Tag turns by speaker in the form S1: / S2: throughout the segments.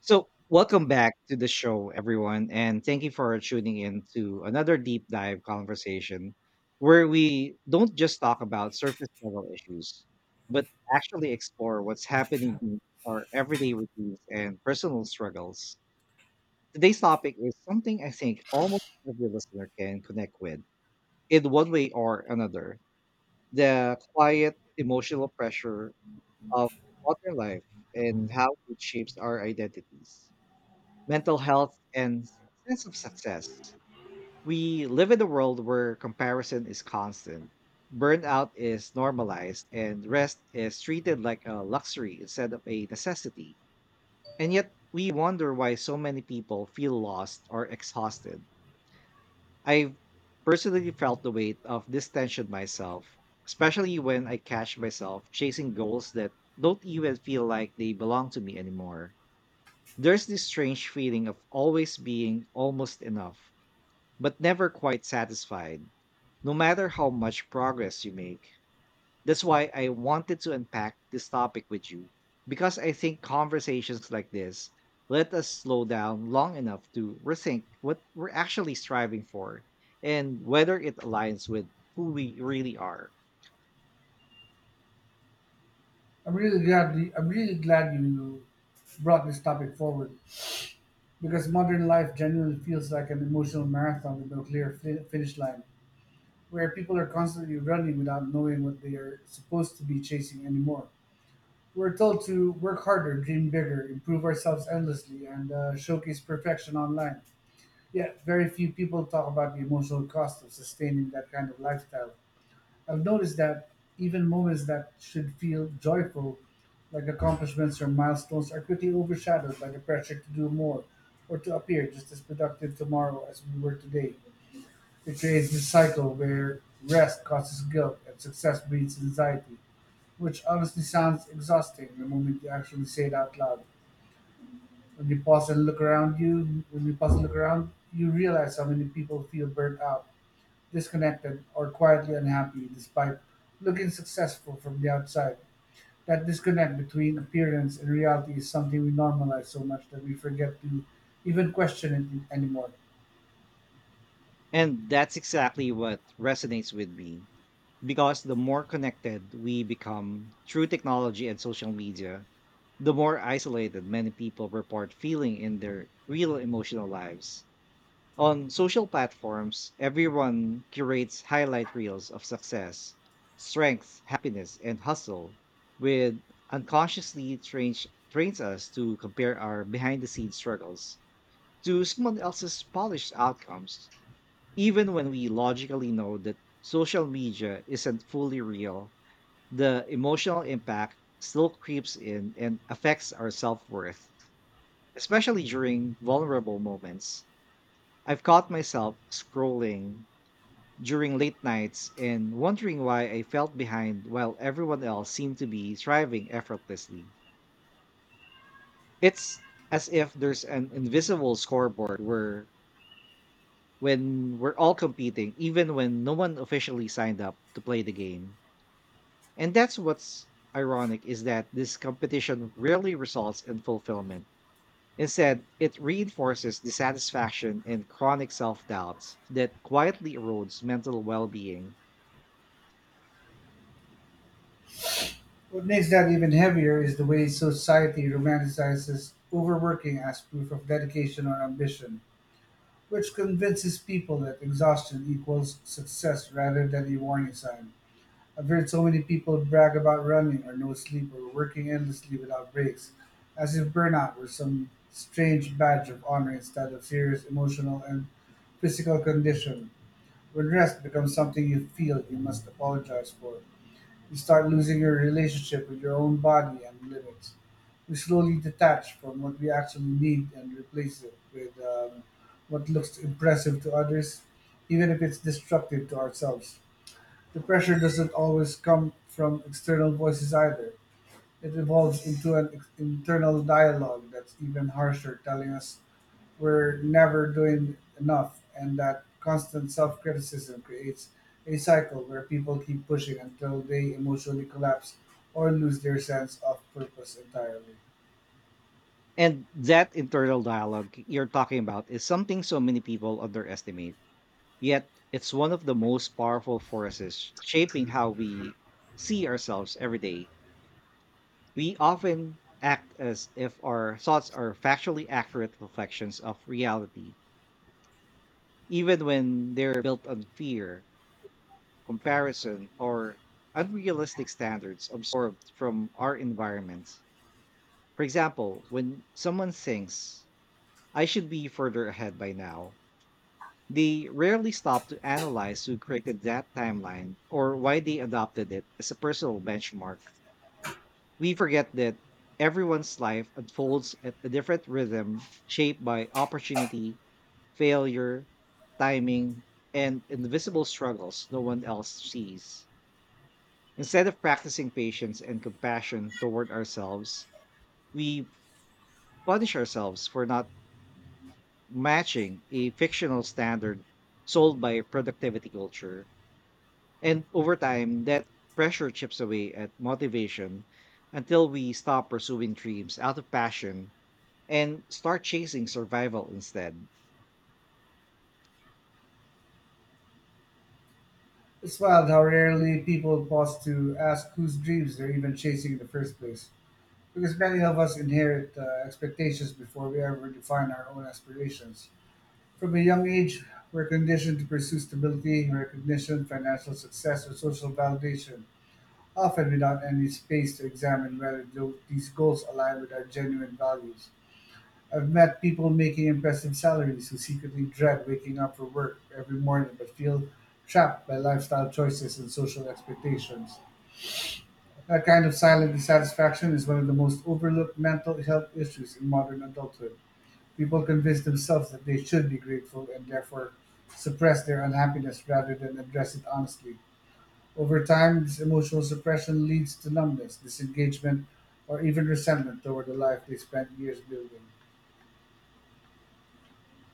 S1: So, welcome back to the show, everyone, and thank you for tuning in to another deep dive conversation where we don't just talk about surface level issues, but actually explore what's happening in our everyday routines and personal struggles. Today's topic is something I think almost every listener can connect with in one way or another: the quiet emotional pressure of modern life and how it shapes our identities, mental health, and sense of success. We live in a world where comparison is constant, burnout is normalized, and rest is treated like a luxury instead of a necessity. And yet, we wonder why so many people feel lost or exhausted. I've personally felt the weight of this tension myself, especially when I catch myself chasing goals that don't even feel like they belong to me anymore. There's this strange feeling of always being almost enough, but never quite satisfied, no matter how much progress you make. That's why I wanted to unpack this topic with you, because I think conversations like this let us slow down long enough to rethink what we're actually striving for and whether it aligns with who we really are.
S2: I'm really glad you brought this topic forward because modern life genuinely feels like an emotional marathon with no clear finish line, where people are constantly running without knowing what they are supposed to be chasing anymore. We're told to work harder, dream bigger, improve ourselves endlessly, and showcase perfection online. Yet, very few people talk about the emotional cost of sustaining that kind of lifestyle. I've noticed that even moments that should feel joyful, like accomplishments or milestones, are quickly overshadowed by the pressure to do more or to appear just as productive tomorrow as we were today. It creates this cycle where rest causes guilt and success breeds anxiety, which honestly sounds exhausting the moment you actually say it out loud. When you pause and look around, you realize how many people feel burnt out, disconnected, or quietly unhappy despite looking successful from the outside. That disconnect between appearance and reality is something we normalize so much that we forget to even question it anymore.
S1: And that's exactly what resonates with me, because the more connected we become through technology and social media, the more isolated many people report feeling in their real emotional lives. On social platforms, everyone curates highlight reels of success, strength, happiness, and hustle, with unconsciously trains us to compare our behind the scenes struggles to someone else's polished outcomes. Even when we logically know that social media isn't fully real, the emotional impact still creeps in and affects our self worth, especially during vulnerable moments. I've caught myself scrolling during late nights and wondering why I felt behind while everyone else seemed to be thriving effortlessly. It's as if there's an invisible scoreboard where when we're all competing, even when no one officially signed up to play the game. And that's what's ironic is that this competition rarely results in fulfillment. Instead, it reinforces dissatisfaction and chronic self doubts that quietly erodes mental well being.
S2: What makes that even heavier is the way society romanticizes overworking as proof of dedication or ambition, which convinces people that exhaustion equals success rather than a warning sign. I've heard so many people brag about running or no sleep or working endlessly without breaks, as if burnout were some strange badge of honor instead of serious emotional and physical condition. When rest becomes something you feel you must apologize for, you start losing your relationship with your own body and limits. We slowly detach from what we actually need and replace it with what looks impressive to others, even if it's destructive to ourselves. The pressure doesn't always come from external voices either. It evolves into an internal dialogue that's even harsher, telling us we're never doing enough, and that constant self criticism creates a cycle where people keep pushing until they emotionally collapse or lose their sense of purpose entirely.
S1: And that internal dialogue you're talking about is something so many people underestimate. Yet, it's one of the most powerful forces shaping how we see ourselves every day. We often act as if our thoughts are factually accurate reflections of reality, even when they're built on fear, comparison, or unrealistic standards absorbed from our environments. For example, when someone thinks, "I should be further ahead by now," they rarely stop to analyze who created that timeline or why they adopted it as a personal benchmark. We forget that everyone's life unfolds at a different rhythm, shaped by opportunity, failure, timing, and invisible struggles no one else sees. Instead of practicing patience and compassion toward ourselves, we punish ourselves for not matching a fictional standard sold by productivity culture. And over time, that pressure chips away at motivation until we stop pursuing dreams out of passion and start chasing survival instead.
S2: It's wild how rarely people pause to ask whose dreams they're even chasing in the first place. Because many of us inherit expectations before we ever define our own aspirations. From a young age, we're conditioned to pursue stability, recognition, financial success, or social validation, often without any space to examine whether these goals align with our genuine values. I've met people making impressive salaries who secretly dread waking up for work every morning but feel trapped by lifestyle choices and social expectations. That kind of silent dissatisfaction is one of the most overlooked mental health issues in modern adulthood. People convince themselves that they should be grateful and therefore suppress their unhappiness rather than address it honestly. Over time, this emotional suppression leads to numbness, disengagement, or even resentment toward the life they spent years building.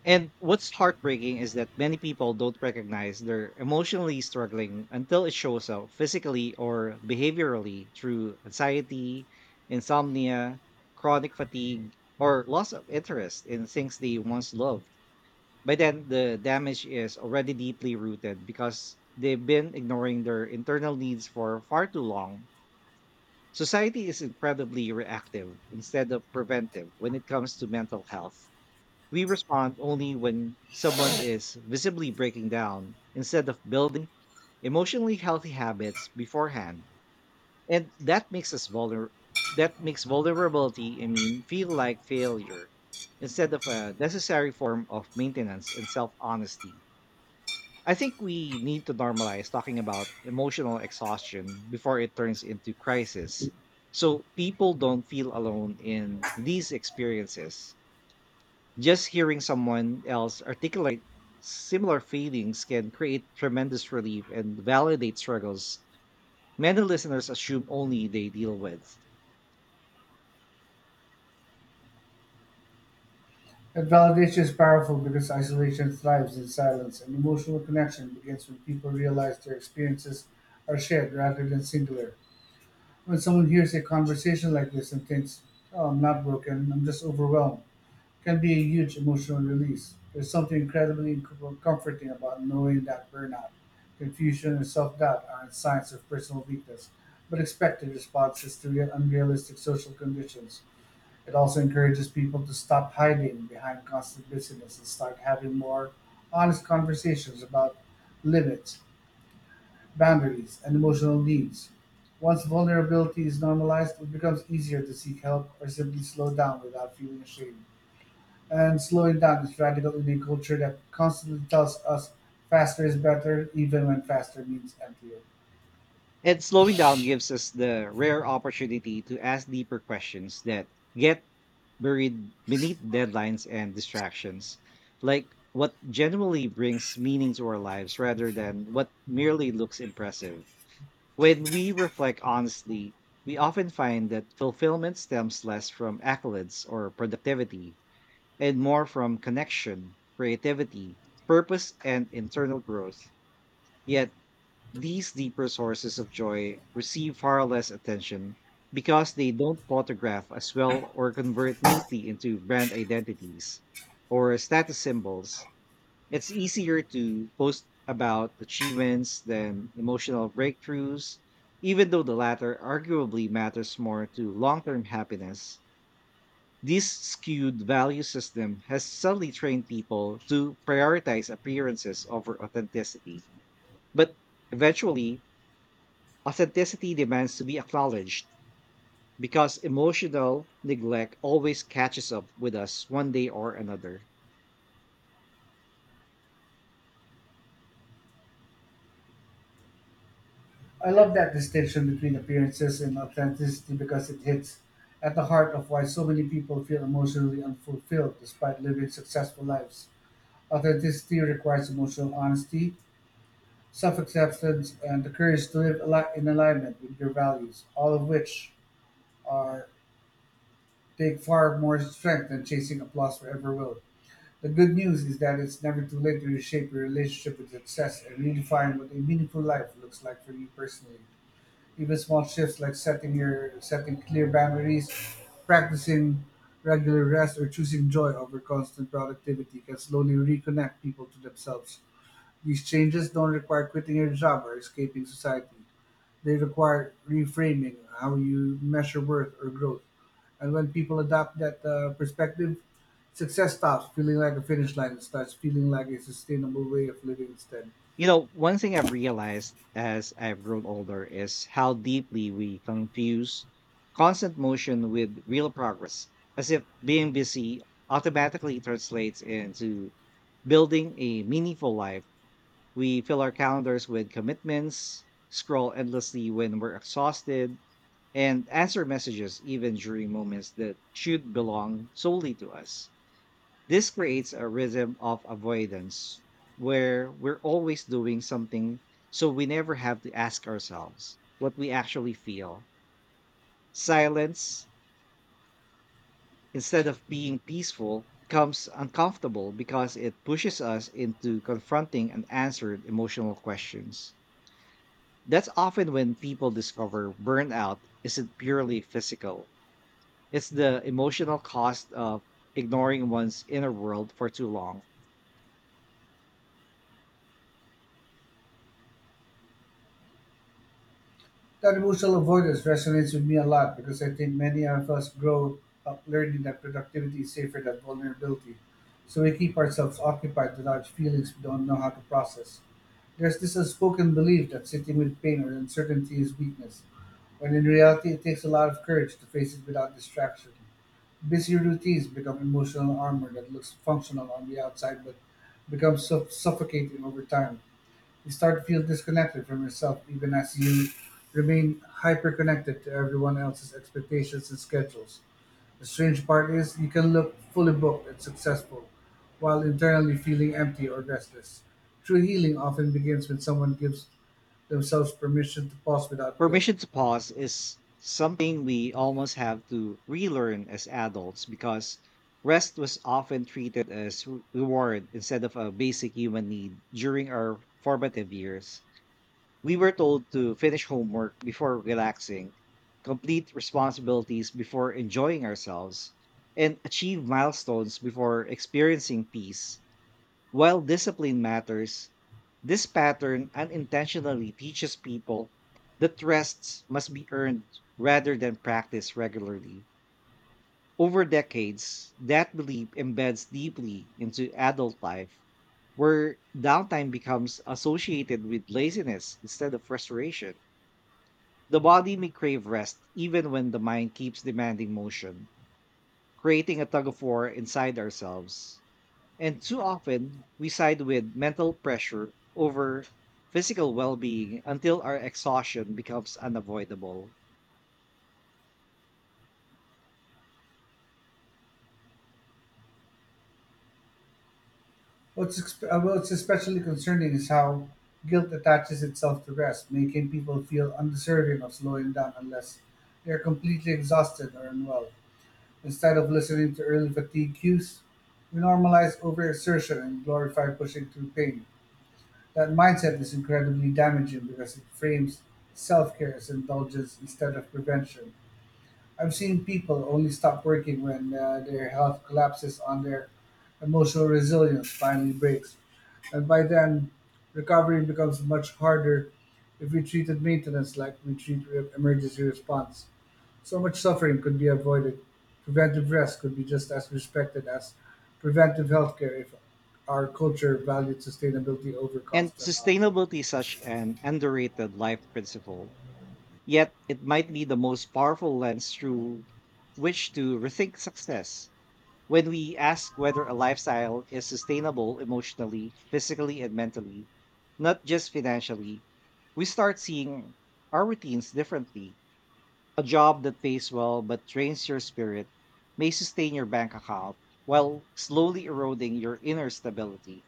S1: And what's heartbreaking is that many people don't recognize they're emotionally struggling until it shows up physically or behaviorally through anxiety, insomnia, chronic fatigue, or loss of interest in things they once loved. By then, the damage is already deeply rooted because they've been ignoring their internal needs for far too long. Society is incredibly reactive instead of preventive when it comes to mental health. We respond only when someone is visibly breaking down instead of building emotionally healthy habits beforehand. And that makes vulnerability, I mean, feel like failure instead of a necessary form of maintenance and self-honesty. I think we need to normalize talking about emotional exhaustion before it turns into crisis, so people don't feel alone in these experiences. Just hearing someone else articulate similar feelings can create tremendous relief and validate struggles many listeners assume only they deal with.
S2: That validation is powerful because isolation thrives in silence, and emotional connection begins when people realize their experiences are shared rather than singular. When someone hears a conversation like this and thinks, oh, I'm not broken, I'm just overwhelmed, can be a huge emotional release. There's something incredibly comforting about knowing that burnout, confusion, and self doubt aren't signs of personal weakness, but expected responses to real unrealistic social conditions. It also encourages people to stop hiding behind constant busyness and start having more honest conversations about limits, boundaries, and emotional needs. Once vulnerability is normalized, it becomes easier to seek help or simply slow down without feeling ashamed. And slowing down is radical in a culture that constantly tells us faster is better, even when faster means emptier.
S1: And slowing down gives us the rare opportunity to ask deeper questions that get buried beneath deadlines and distractions, like what genuinely brings meaning to our lives rather than what merely looks impressive. When we reflect honestly, we often find that fulfillment stems less from accolades or productivity and more from connection, creativity, purpose, and internal growth. Yet these deeper sources of joy receive far less attention because they don't photograph as well or convert neatly into brand identities or status symbols. It's easier to post about achievements than emotional breakthroughs, even though the latter arguably matters more to long term happiness. This skewed value system has subtly trained people to prioritize appearances over authenticity. But eventually, authenticity demands to be acknowledged because emotional neglect always catches up with us one day or another.
S2: I love that distinction between appearances and authenticity because it hits at the heart of why so many people feel emotionally unfulfilled despite living successful lives. Authenticity requires emotional honesty, self-acceptance, and the courage to live in alignment with your values, all of which are take far more strength than chasing applause forever will. The good news is that it's never too late to reshape your relationship with success and redefine what a meaningful life looks like for you personally. Even small shifts like setting clear boundaries, practicing regular rest, or choosing joy over constant productivity can slowly reconnect people to themselves. These changes don't require quitting your job or escaping society. They require reframing how you measure worth or growth. And when people adopt that perspective, success stops feeling like a finish line and starts feeling like a sustainable way of living instead.
S1: You know, one thing I've realized as I've grown older is how deeply we confuse constant motion with real progress, as if being busy automatically translates into building a meaningful life. We fill our calendars with commitments, scroll endlessly when we're exhausted, and answer messages even during moments that should belong solely to us. This creates a rhythm of avoidance where we're always doing something so we never have to ask ourselves what we actually feel. Silence, instead of being peaceful, becomes uncomfortable because it pushes us into confronting unanswered emotional questions. That's often when people discover burnout isn't purely physical. It's the emotional cost of ignoring one's inner world for too long.
S2: That emotional avoidance resonates with me a lot because I think many of us grow up learning that productivity is safer than vulnerability. So we keep ourselves occupied with our feelings we don't know how to process. There's this unspoken belief that sitting with pain or uncertainty is weakness, when in reality it takes a lot of courage to face it without distraction. Busy routines become emotional armor that looks functional on the outside but becomes suffocating over time. You start to feel disconnected from yourself even as you remain hyper-connected to everyone else's expectations and schedules. The strange part is you can look fully booked and successful while internally feeling empty or restless. True healing often begins when someone gives themselves permission to pause without guilt.
S1: Permission to pause is something we almost have to relearn as adults because rest was often treated as reward instead of a basic human need during our formative years. We were told to finish homework before relaxing, complete responsibilities before enjoying ourselves, and achieve milestones before experiencing peace. While discipline matters, this pattern unintentionally teaches people that rests must be earned rather than practiced regularly. Over decades, that belief embeds deeply into adult life, where downtime becomes associated with laziness instead of frustration. The body may crave rest even when the mind keeps demanding motion, creating a tug of war inside ourselves. And too often, we side with mental pressure over physical well being until our exhaustion becomes unavoidable.
S2: What's especially concerning is how guilt attaches itself to rest, making people feel undeserving of slowing down unless they are completely exhausted or unwell. Instead of listening to early fatigue cues, we normalize overexertion and glorify pushing through pain. That mindset is incredibly damaging because it frames self care as indulgence instead of prevention. I've seen people only stop working when their health collapses on their emotional resilience finally breaks. And by then, recovery becomes much harder if we treated maintenance like we treat emergency response. So much suffering could be avoided. Preventive rest could be just as respected as preventive healthcare if our culture valued sustainability over
S1: And
S2: constant output.
S1: sustainability is such an underrated life principle. Yet, it might be the most powerful lens through which to rethink success. When we ask whether a lifestyle is sustainable emotionally, physically, and mentally, not just financially, we start seeing our routines differently. A job that pays well but drains your spirit may sustain your bank account while slowly eroding your inner stability.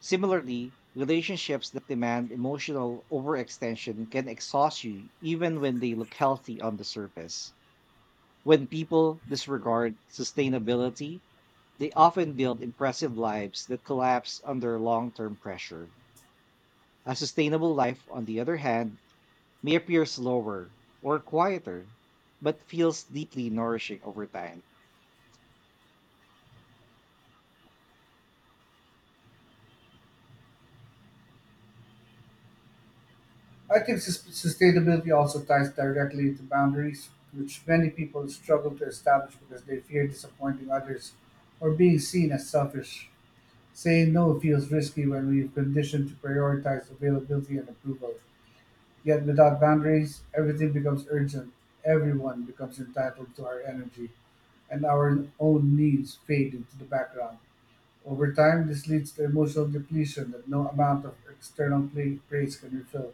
S1: Similarly, relationships that demand emotional overextension can exhaust you even when they look healthy on the surface. When people disregard sustainability, they often build impressive lives that collapse under long term pressure. A sustainable life, on the other hand, may appear slower or quieter, but feels deeply nourishing over time.
S2: I think sustainability also ties directly into boundaries, which many people struggle to establish because they fear disappointing others or being seen as selfish. Saying no feels risky when we've conditioned to prioritize availability and approval. Yet without boundaries, everything becomes urgent. Everyone becomes entitled to our energy, and our own needs fade into the background. Over time, this leads to emotional depletion that no amount of external praise can refill.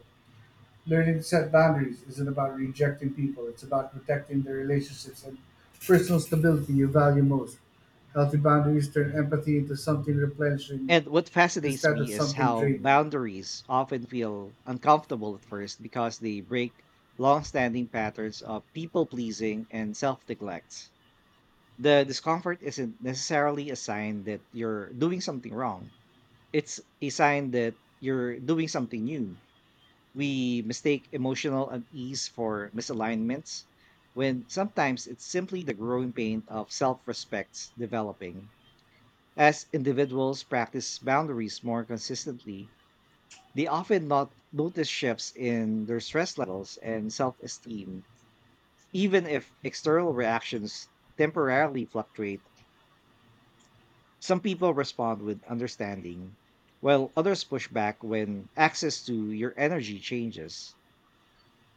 S2: Learning to set boundaries isn't about rejecting people, it's about protecting the relationships and personal stability you value most. Healthy boundaries turn empathy into something replenishing
S1: And what fascinates
S2: instead of
S1: me is
S2: something
S1: how
S2: draining.
S1: boundaries often feel uncomfortable at first because they break long standing patterns of people pleasing and self neglect. The discomfort isn't necessarily a sign that you're doing something wrong; it's a sign that you're doing something new. We mistake emotional unease for misalignments when sometimes it's simply the growing pain of self respect developing. As individuals practice boundaries more consistently, they often not notice shifts in their stress levels and self esteem. Even if external reactions temporarily fluctuate, some people respond with understanding, while others push back when access to your energy changes.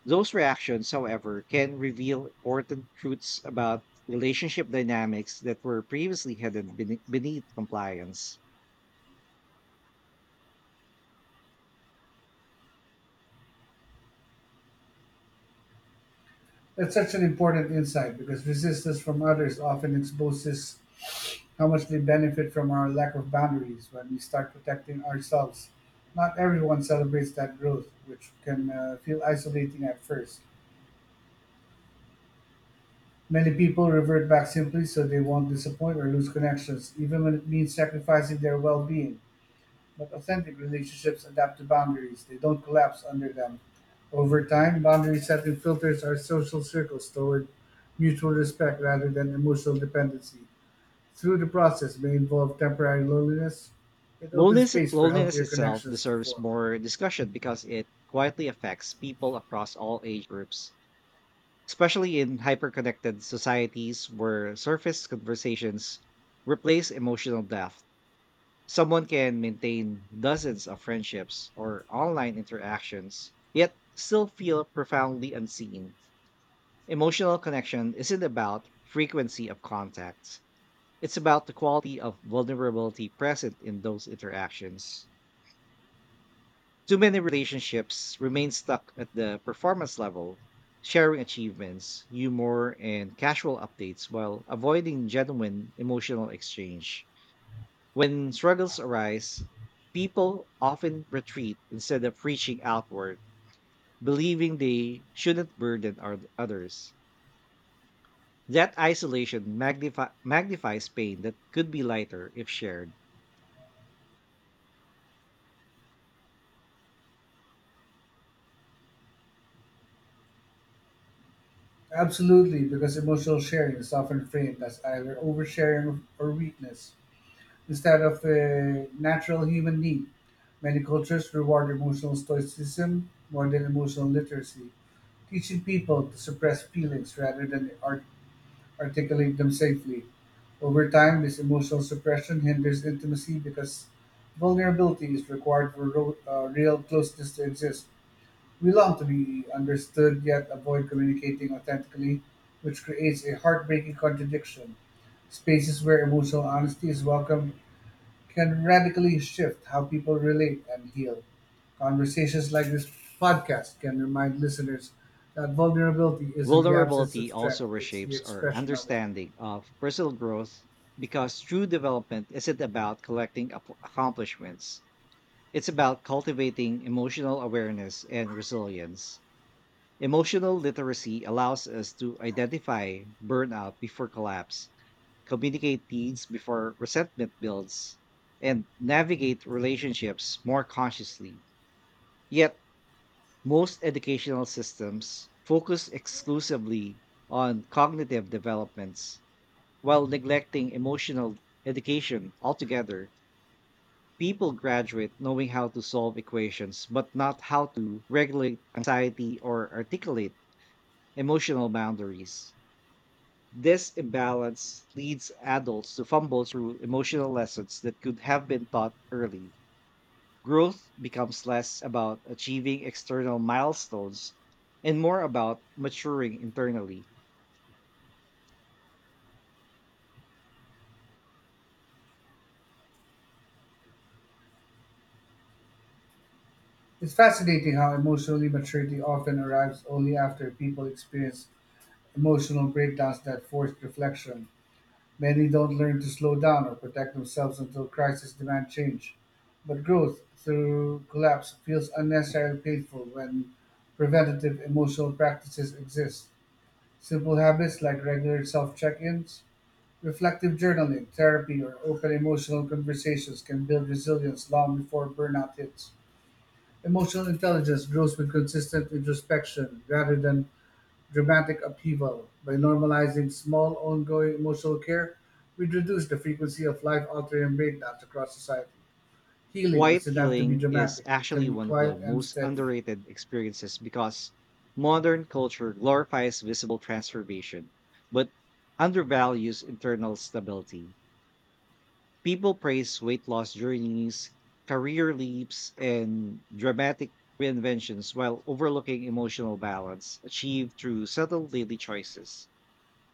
S1: Those reactions, however, can reveal important truths about relationship dynamics that were previously hidden beneath compliance.
S2: That's such an important insight because resistance from others often exposes how much they benefit from our lack of boundaries when we start protecting ourselves. Not everyone celebrates that growth, which can feel isolating at first. Many people revert back simply so they won't disappoint or lose connections, even when it means sacrificing their well being. But authentic relationships adapt to boundaries, they don't collapse under them. Over time, boundary setting filters our social circles toward mutual respect rather than emotional dependency. Through the process may involve temporary loneliness, it opens
S1: Loneliness,
S2: space for
S1: loneliness
S2: healthier
S1: itself
S2: connections to
S1: deserves
S2: form.
S1: more discussion because it quietly affects people across all age groups, especially in hyperconnected societies where surface conversations replace emotional depth. Someone can maintain dozens of friendships or online interactions, yet still feel profoundly unseen. Emotional connection isn't about frequency of contacts. It's about the quality of vulnerability present in those interactions. Too many relationships remain stuck at the performance level, sharing achievements, humor, and casual updates while avoiding genuine emotional exchange. When struggles arise, people often retreat instead of reaching outward, believing they shouldn't burden others. That isolation magnifies pain that could be lighter if shared.
S2: Absolutely, because emotional sharing is often framed as either oversharing or weakness instead of a natural human need. Many cultures reward emotional stoicism more than emotional literacy, teaching people to suppress feelings rather than articulate them safely. Over time, this emotional suppression hinders intimacy because vulnerability is required for real closeness to exist. We long to be understood yet avoid communicating authentically, which creates a heartbreaking contradiction. Spaces where emotional honesty is welcome can radically shift how people relate and heal. Conversations like this podcast can remind listeners that vulnerability isn't the absence of
S1: Vulnerability also
S2: strength, it's the
S1: reshapes our
S2: expression of it.
S1: understanding of personal growth because true development isn't about collecting accomplishments. It's about cultivating emotional awareness and resilience. Emotional literacy allows us to identify burnout before collapse, communicate needs before resentment builds, and navigate relationships more consciously. Yet, most educational systems focus exclusively on cognitive developments while neglecting emotional education altogether. People graduate knowing how to solve equations, but not how to regulate anxiety or articulate emotional boundaries. This imbalance leads adults to fumble through emotional lessons that could have been taught early. Growth becomes less about achieving external milestones and more about maturing internally.
S2: It's fascinating how emotional maturity often arrives only after people experience emotional breakdowns that force reflection. Many don't learn to slow down or protect themselves until crises demand change. But growth through collapse feels unnecessarily painful when preventative emotional practices exist. Simple habits like regular self check ins, reflective journaling, therapy, or open emotional conversations can build resilience long before burnout hits. Emotional intelligence grows with consistent introspection rather than dramatic upheaval. By normalizing small, ongoing emotional care, we reduce the frequency of life altering breakdowns across society. Healing
S1: Quiet
S2: doesn't have to be
S1: healing is
S2: dramatic, it can
S1: actually
S2: be
S1: one of the
S2: quiet and
S1: most
S2: steady.
S1: underrated experiences because modern culture glorifies visible transformation, but undervalues internal stability. People praise weight loss journeys, career leaps, and dramatic reinventions while overlooking emotional balance achieved through subtle daily choices.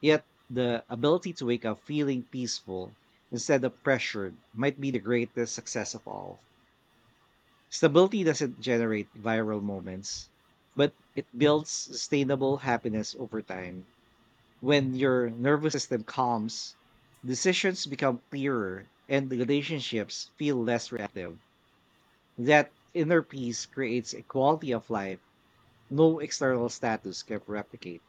S1: Yet, the ability to wake up feeling peaceful instead of pressured might be the greatest success of all. Stability doesn't generate viral moments, but it builds sustainable happiness over time. When your nervous system calms, decisions become clearer and the relationships feel less reactive. That inner peace creates a quality of life no external status can replicate.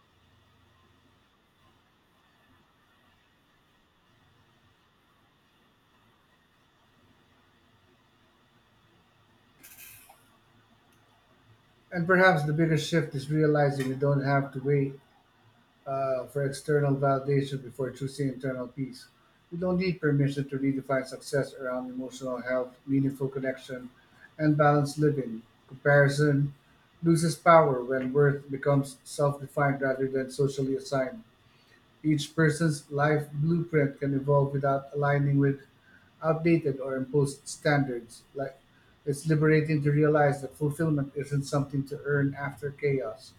S2: And perhaps the biggest shift is realizing we don't have to wait for external validation before choosing internal peace. We don't need permission to redefine success around emotional health, meaningful connection, and balanced living. Comparison loses power when worth becomes self defined rather than socially assigned. Each person's life blueprint can evolve without aligning with outdated or imposed standards. Like it's liberating to realize that fulfillment isn't something to earn after chaos.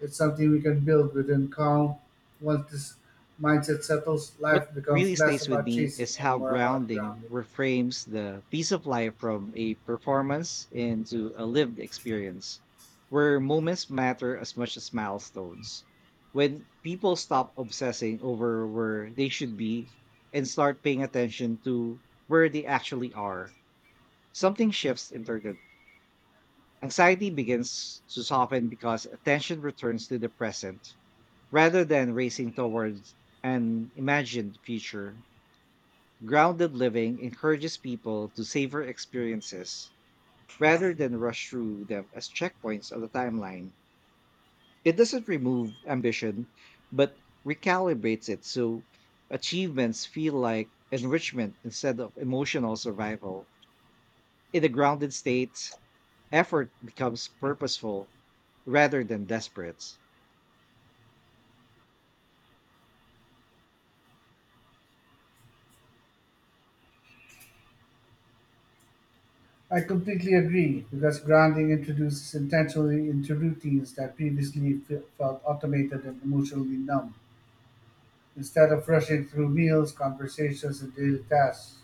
S2: It's something we can build within calm. Once this mindset settles,
S1: What
S2: life
S1: really
S2: becomes less
S1: stays with
S2: about
S1: me
S2: chasing
S1: is
S2: and
S1: how
S2: more about
S1: grounding
S2: grounding.
S1: reframes the piece of life from a performance into a lived experience, where moments matter as much as milestones. When people stop obsessing over where they should be and start paying attention to where they actually are, something shifts internally. Anxiety begins to soften because attention returns to the present rather than racing towards an imagined future. Grounded living encourages people to savor experiences rather than rush through them as checkpoints on the timeline. It doesn't remove ambition, but recalibrates it so achievements feel like enrichment instead of emotional survival. In a grounded state, effort becomes purposeful rather than desperate.
S2: I completely agree because grounding introduces intentionally into routines that previously felt automated and emotionally numb. Instead of rushing through meals, conversations, and daily tasks,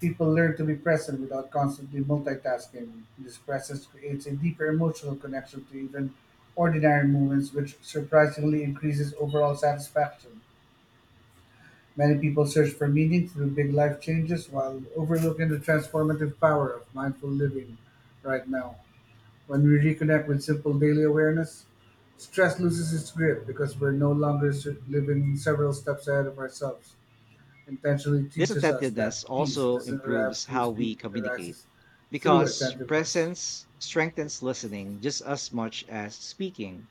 S2: people learn to be present without constantly multitasking. This presence creates a deeper emotional connection to even ordinary moments, which surprisingly increases overall satisfaction. Many people search for meaning through big life changes while overlooking the transformative power of mindful living right now. When we reconnect with simple daily awareness, stress loses its grip because we're no longer living several steps ahead of ourselves intentionally
S1: This
S2: teaches us that
S1: attentiveness
S2: peace
S1: also
S2: doesn't arrive
S1: improves
S2: through
S1: how we
S2: speed, it
S1: communicate
S2: arises through
S1: because
S2: attentiveness.
S1: presence strengthens listening just as much as speaking.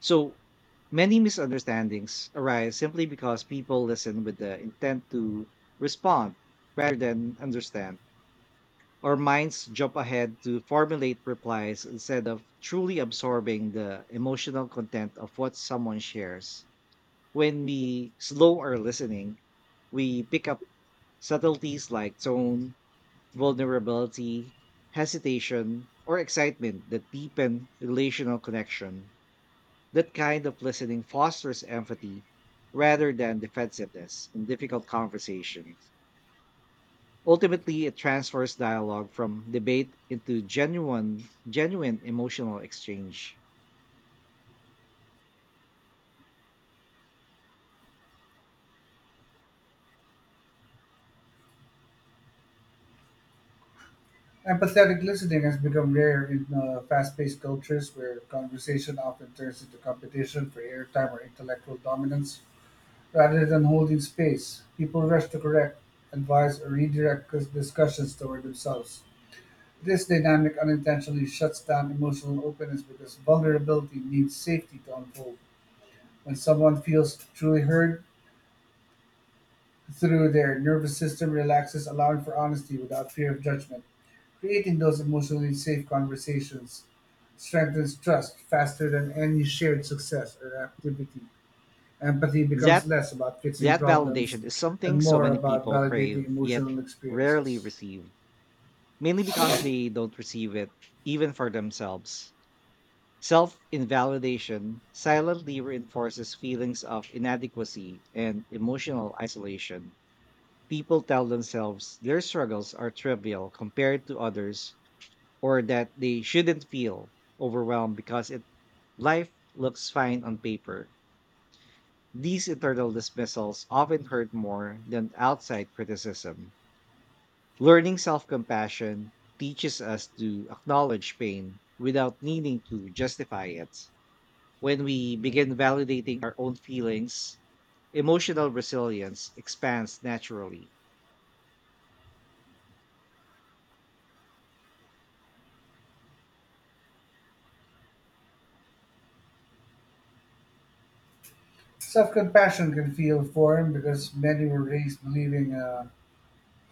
S1: So many misunderstandings arise simply because people listen with the intent to respond rather than understand. Our minds jump ahead to formulate replies instead of truly absorbing the emotional content of what someone shares. When we slow our listening, we pick up subtleties like tone, vulnerability, hesitation, or excitement that deepen relational connection. That kind of listening fosters empathy rather than defensiveness in difficult conversations. Ultimately, it transfers dialogue from debate into genuine emotional exchange.
S2: Empathetic listening has become rare in fast paced cultures where conversation often turns into competition for airtime or intellectual dominance. Rather than holding space, people rush to correct, advise, or redirect discussions toward themselves. This dynamic unintentionally shuts down emotional openness because vulnerability needs safety to unfold. When someone feels truly heard, through their nervous system relaxes, allowing for honesty without fear of judgment. Creating those emotionally safe conversations strengthens trust faster than any shared success or activity. Empathy becomes
S1: That
S2: less about fixing
S1: that
S2: problems
S1: validation is something
S2: and
S1: so
S2: more
S1: many
S2: about
S1: people
S2: validating
S1: crave yet
S2: emotional
S1: rarely
S2: experiences.
S1: receive, mainly because they don't receive it even for themselves. Self invalidation silently reinforces feelings of inadequacy and emotional isolation. People tell themselves their struggles are trivial compared to others, or that they shouldn't feel overwhelmed because life looks fine on paper. These internal dismissals often hurt more than outside criticism. Learning self compassion teaches us to acknowledge pain without needing to justify it. When we begin validating our own feelings, emotional resilience expands naturally.
S2: Self compassion can feel foreign because many were raised believing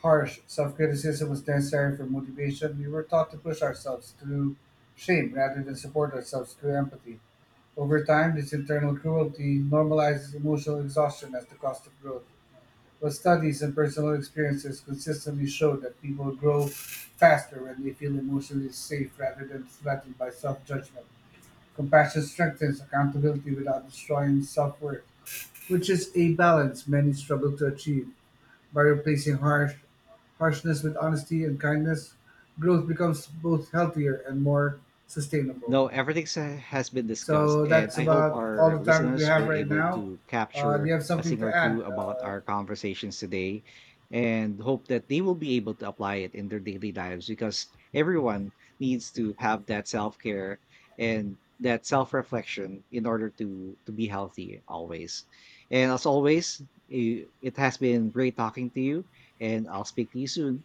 S2: harsh self criticism was necessary for motivation. We were taught to push ourselves through shame rather than support ourselves through empathy. Over time, this internal cruelty normalizes emotional exhaustion as the cost of growth. But studies and personal experiences consistently show that people grow faster when they feel emotionally safe rather than threatened by self judgment. Compassion strengthens accountability without destroying self worth, which is a balance many struggle to achieve. By replacing harshness with honesty and kindness, growth becomes both healthier and more sustainable.
S1: No, everything has been discussed,
S2: So
S1: and
S2: that's
S1: I hope
S2: about all
S1: our
S2: the time that we
S1: listeners were
S2: have right
S1: able
S2: now.
S1: to
S2: Do you
S1: capture
S2: have
S1: a
S2: something
S1: thing or
S2: to
S1: two
S2: add?
S1: about our conversations today, and hope that they will be able to apply it in their daily lives, because everyone needs to have that self-care and that self-reflection in order to be healthy always. And as always, it has been great talking to you, and I'll speak to you soon.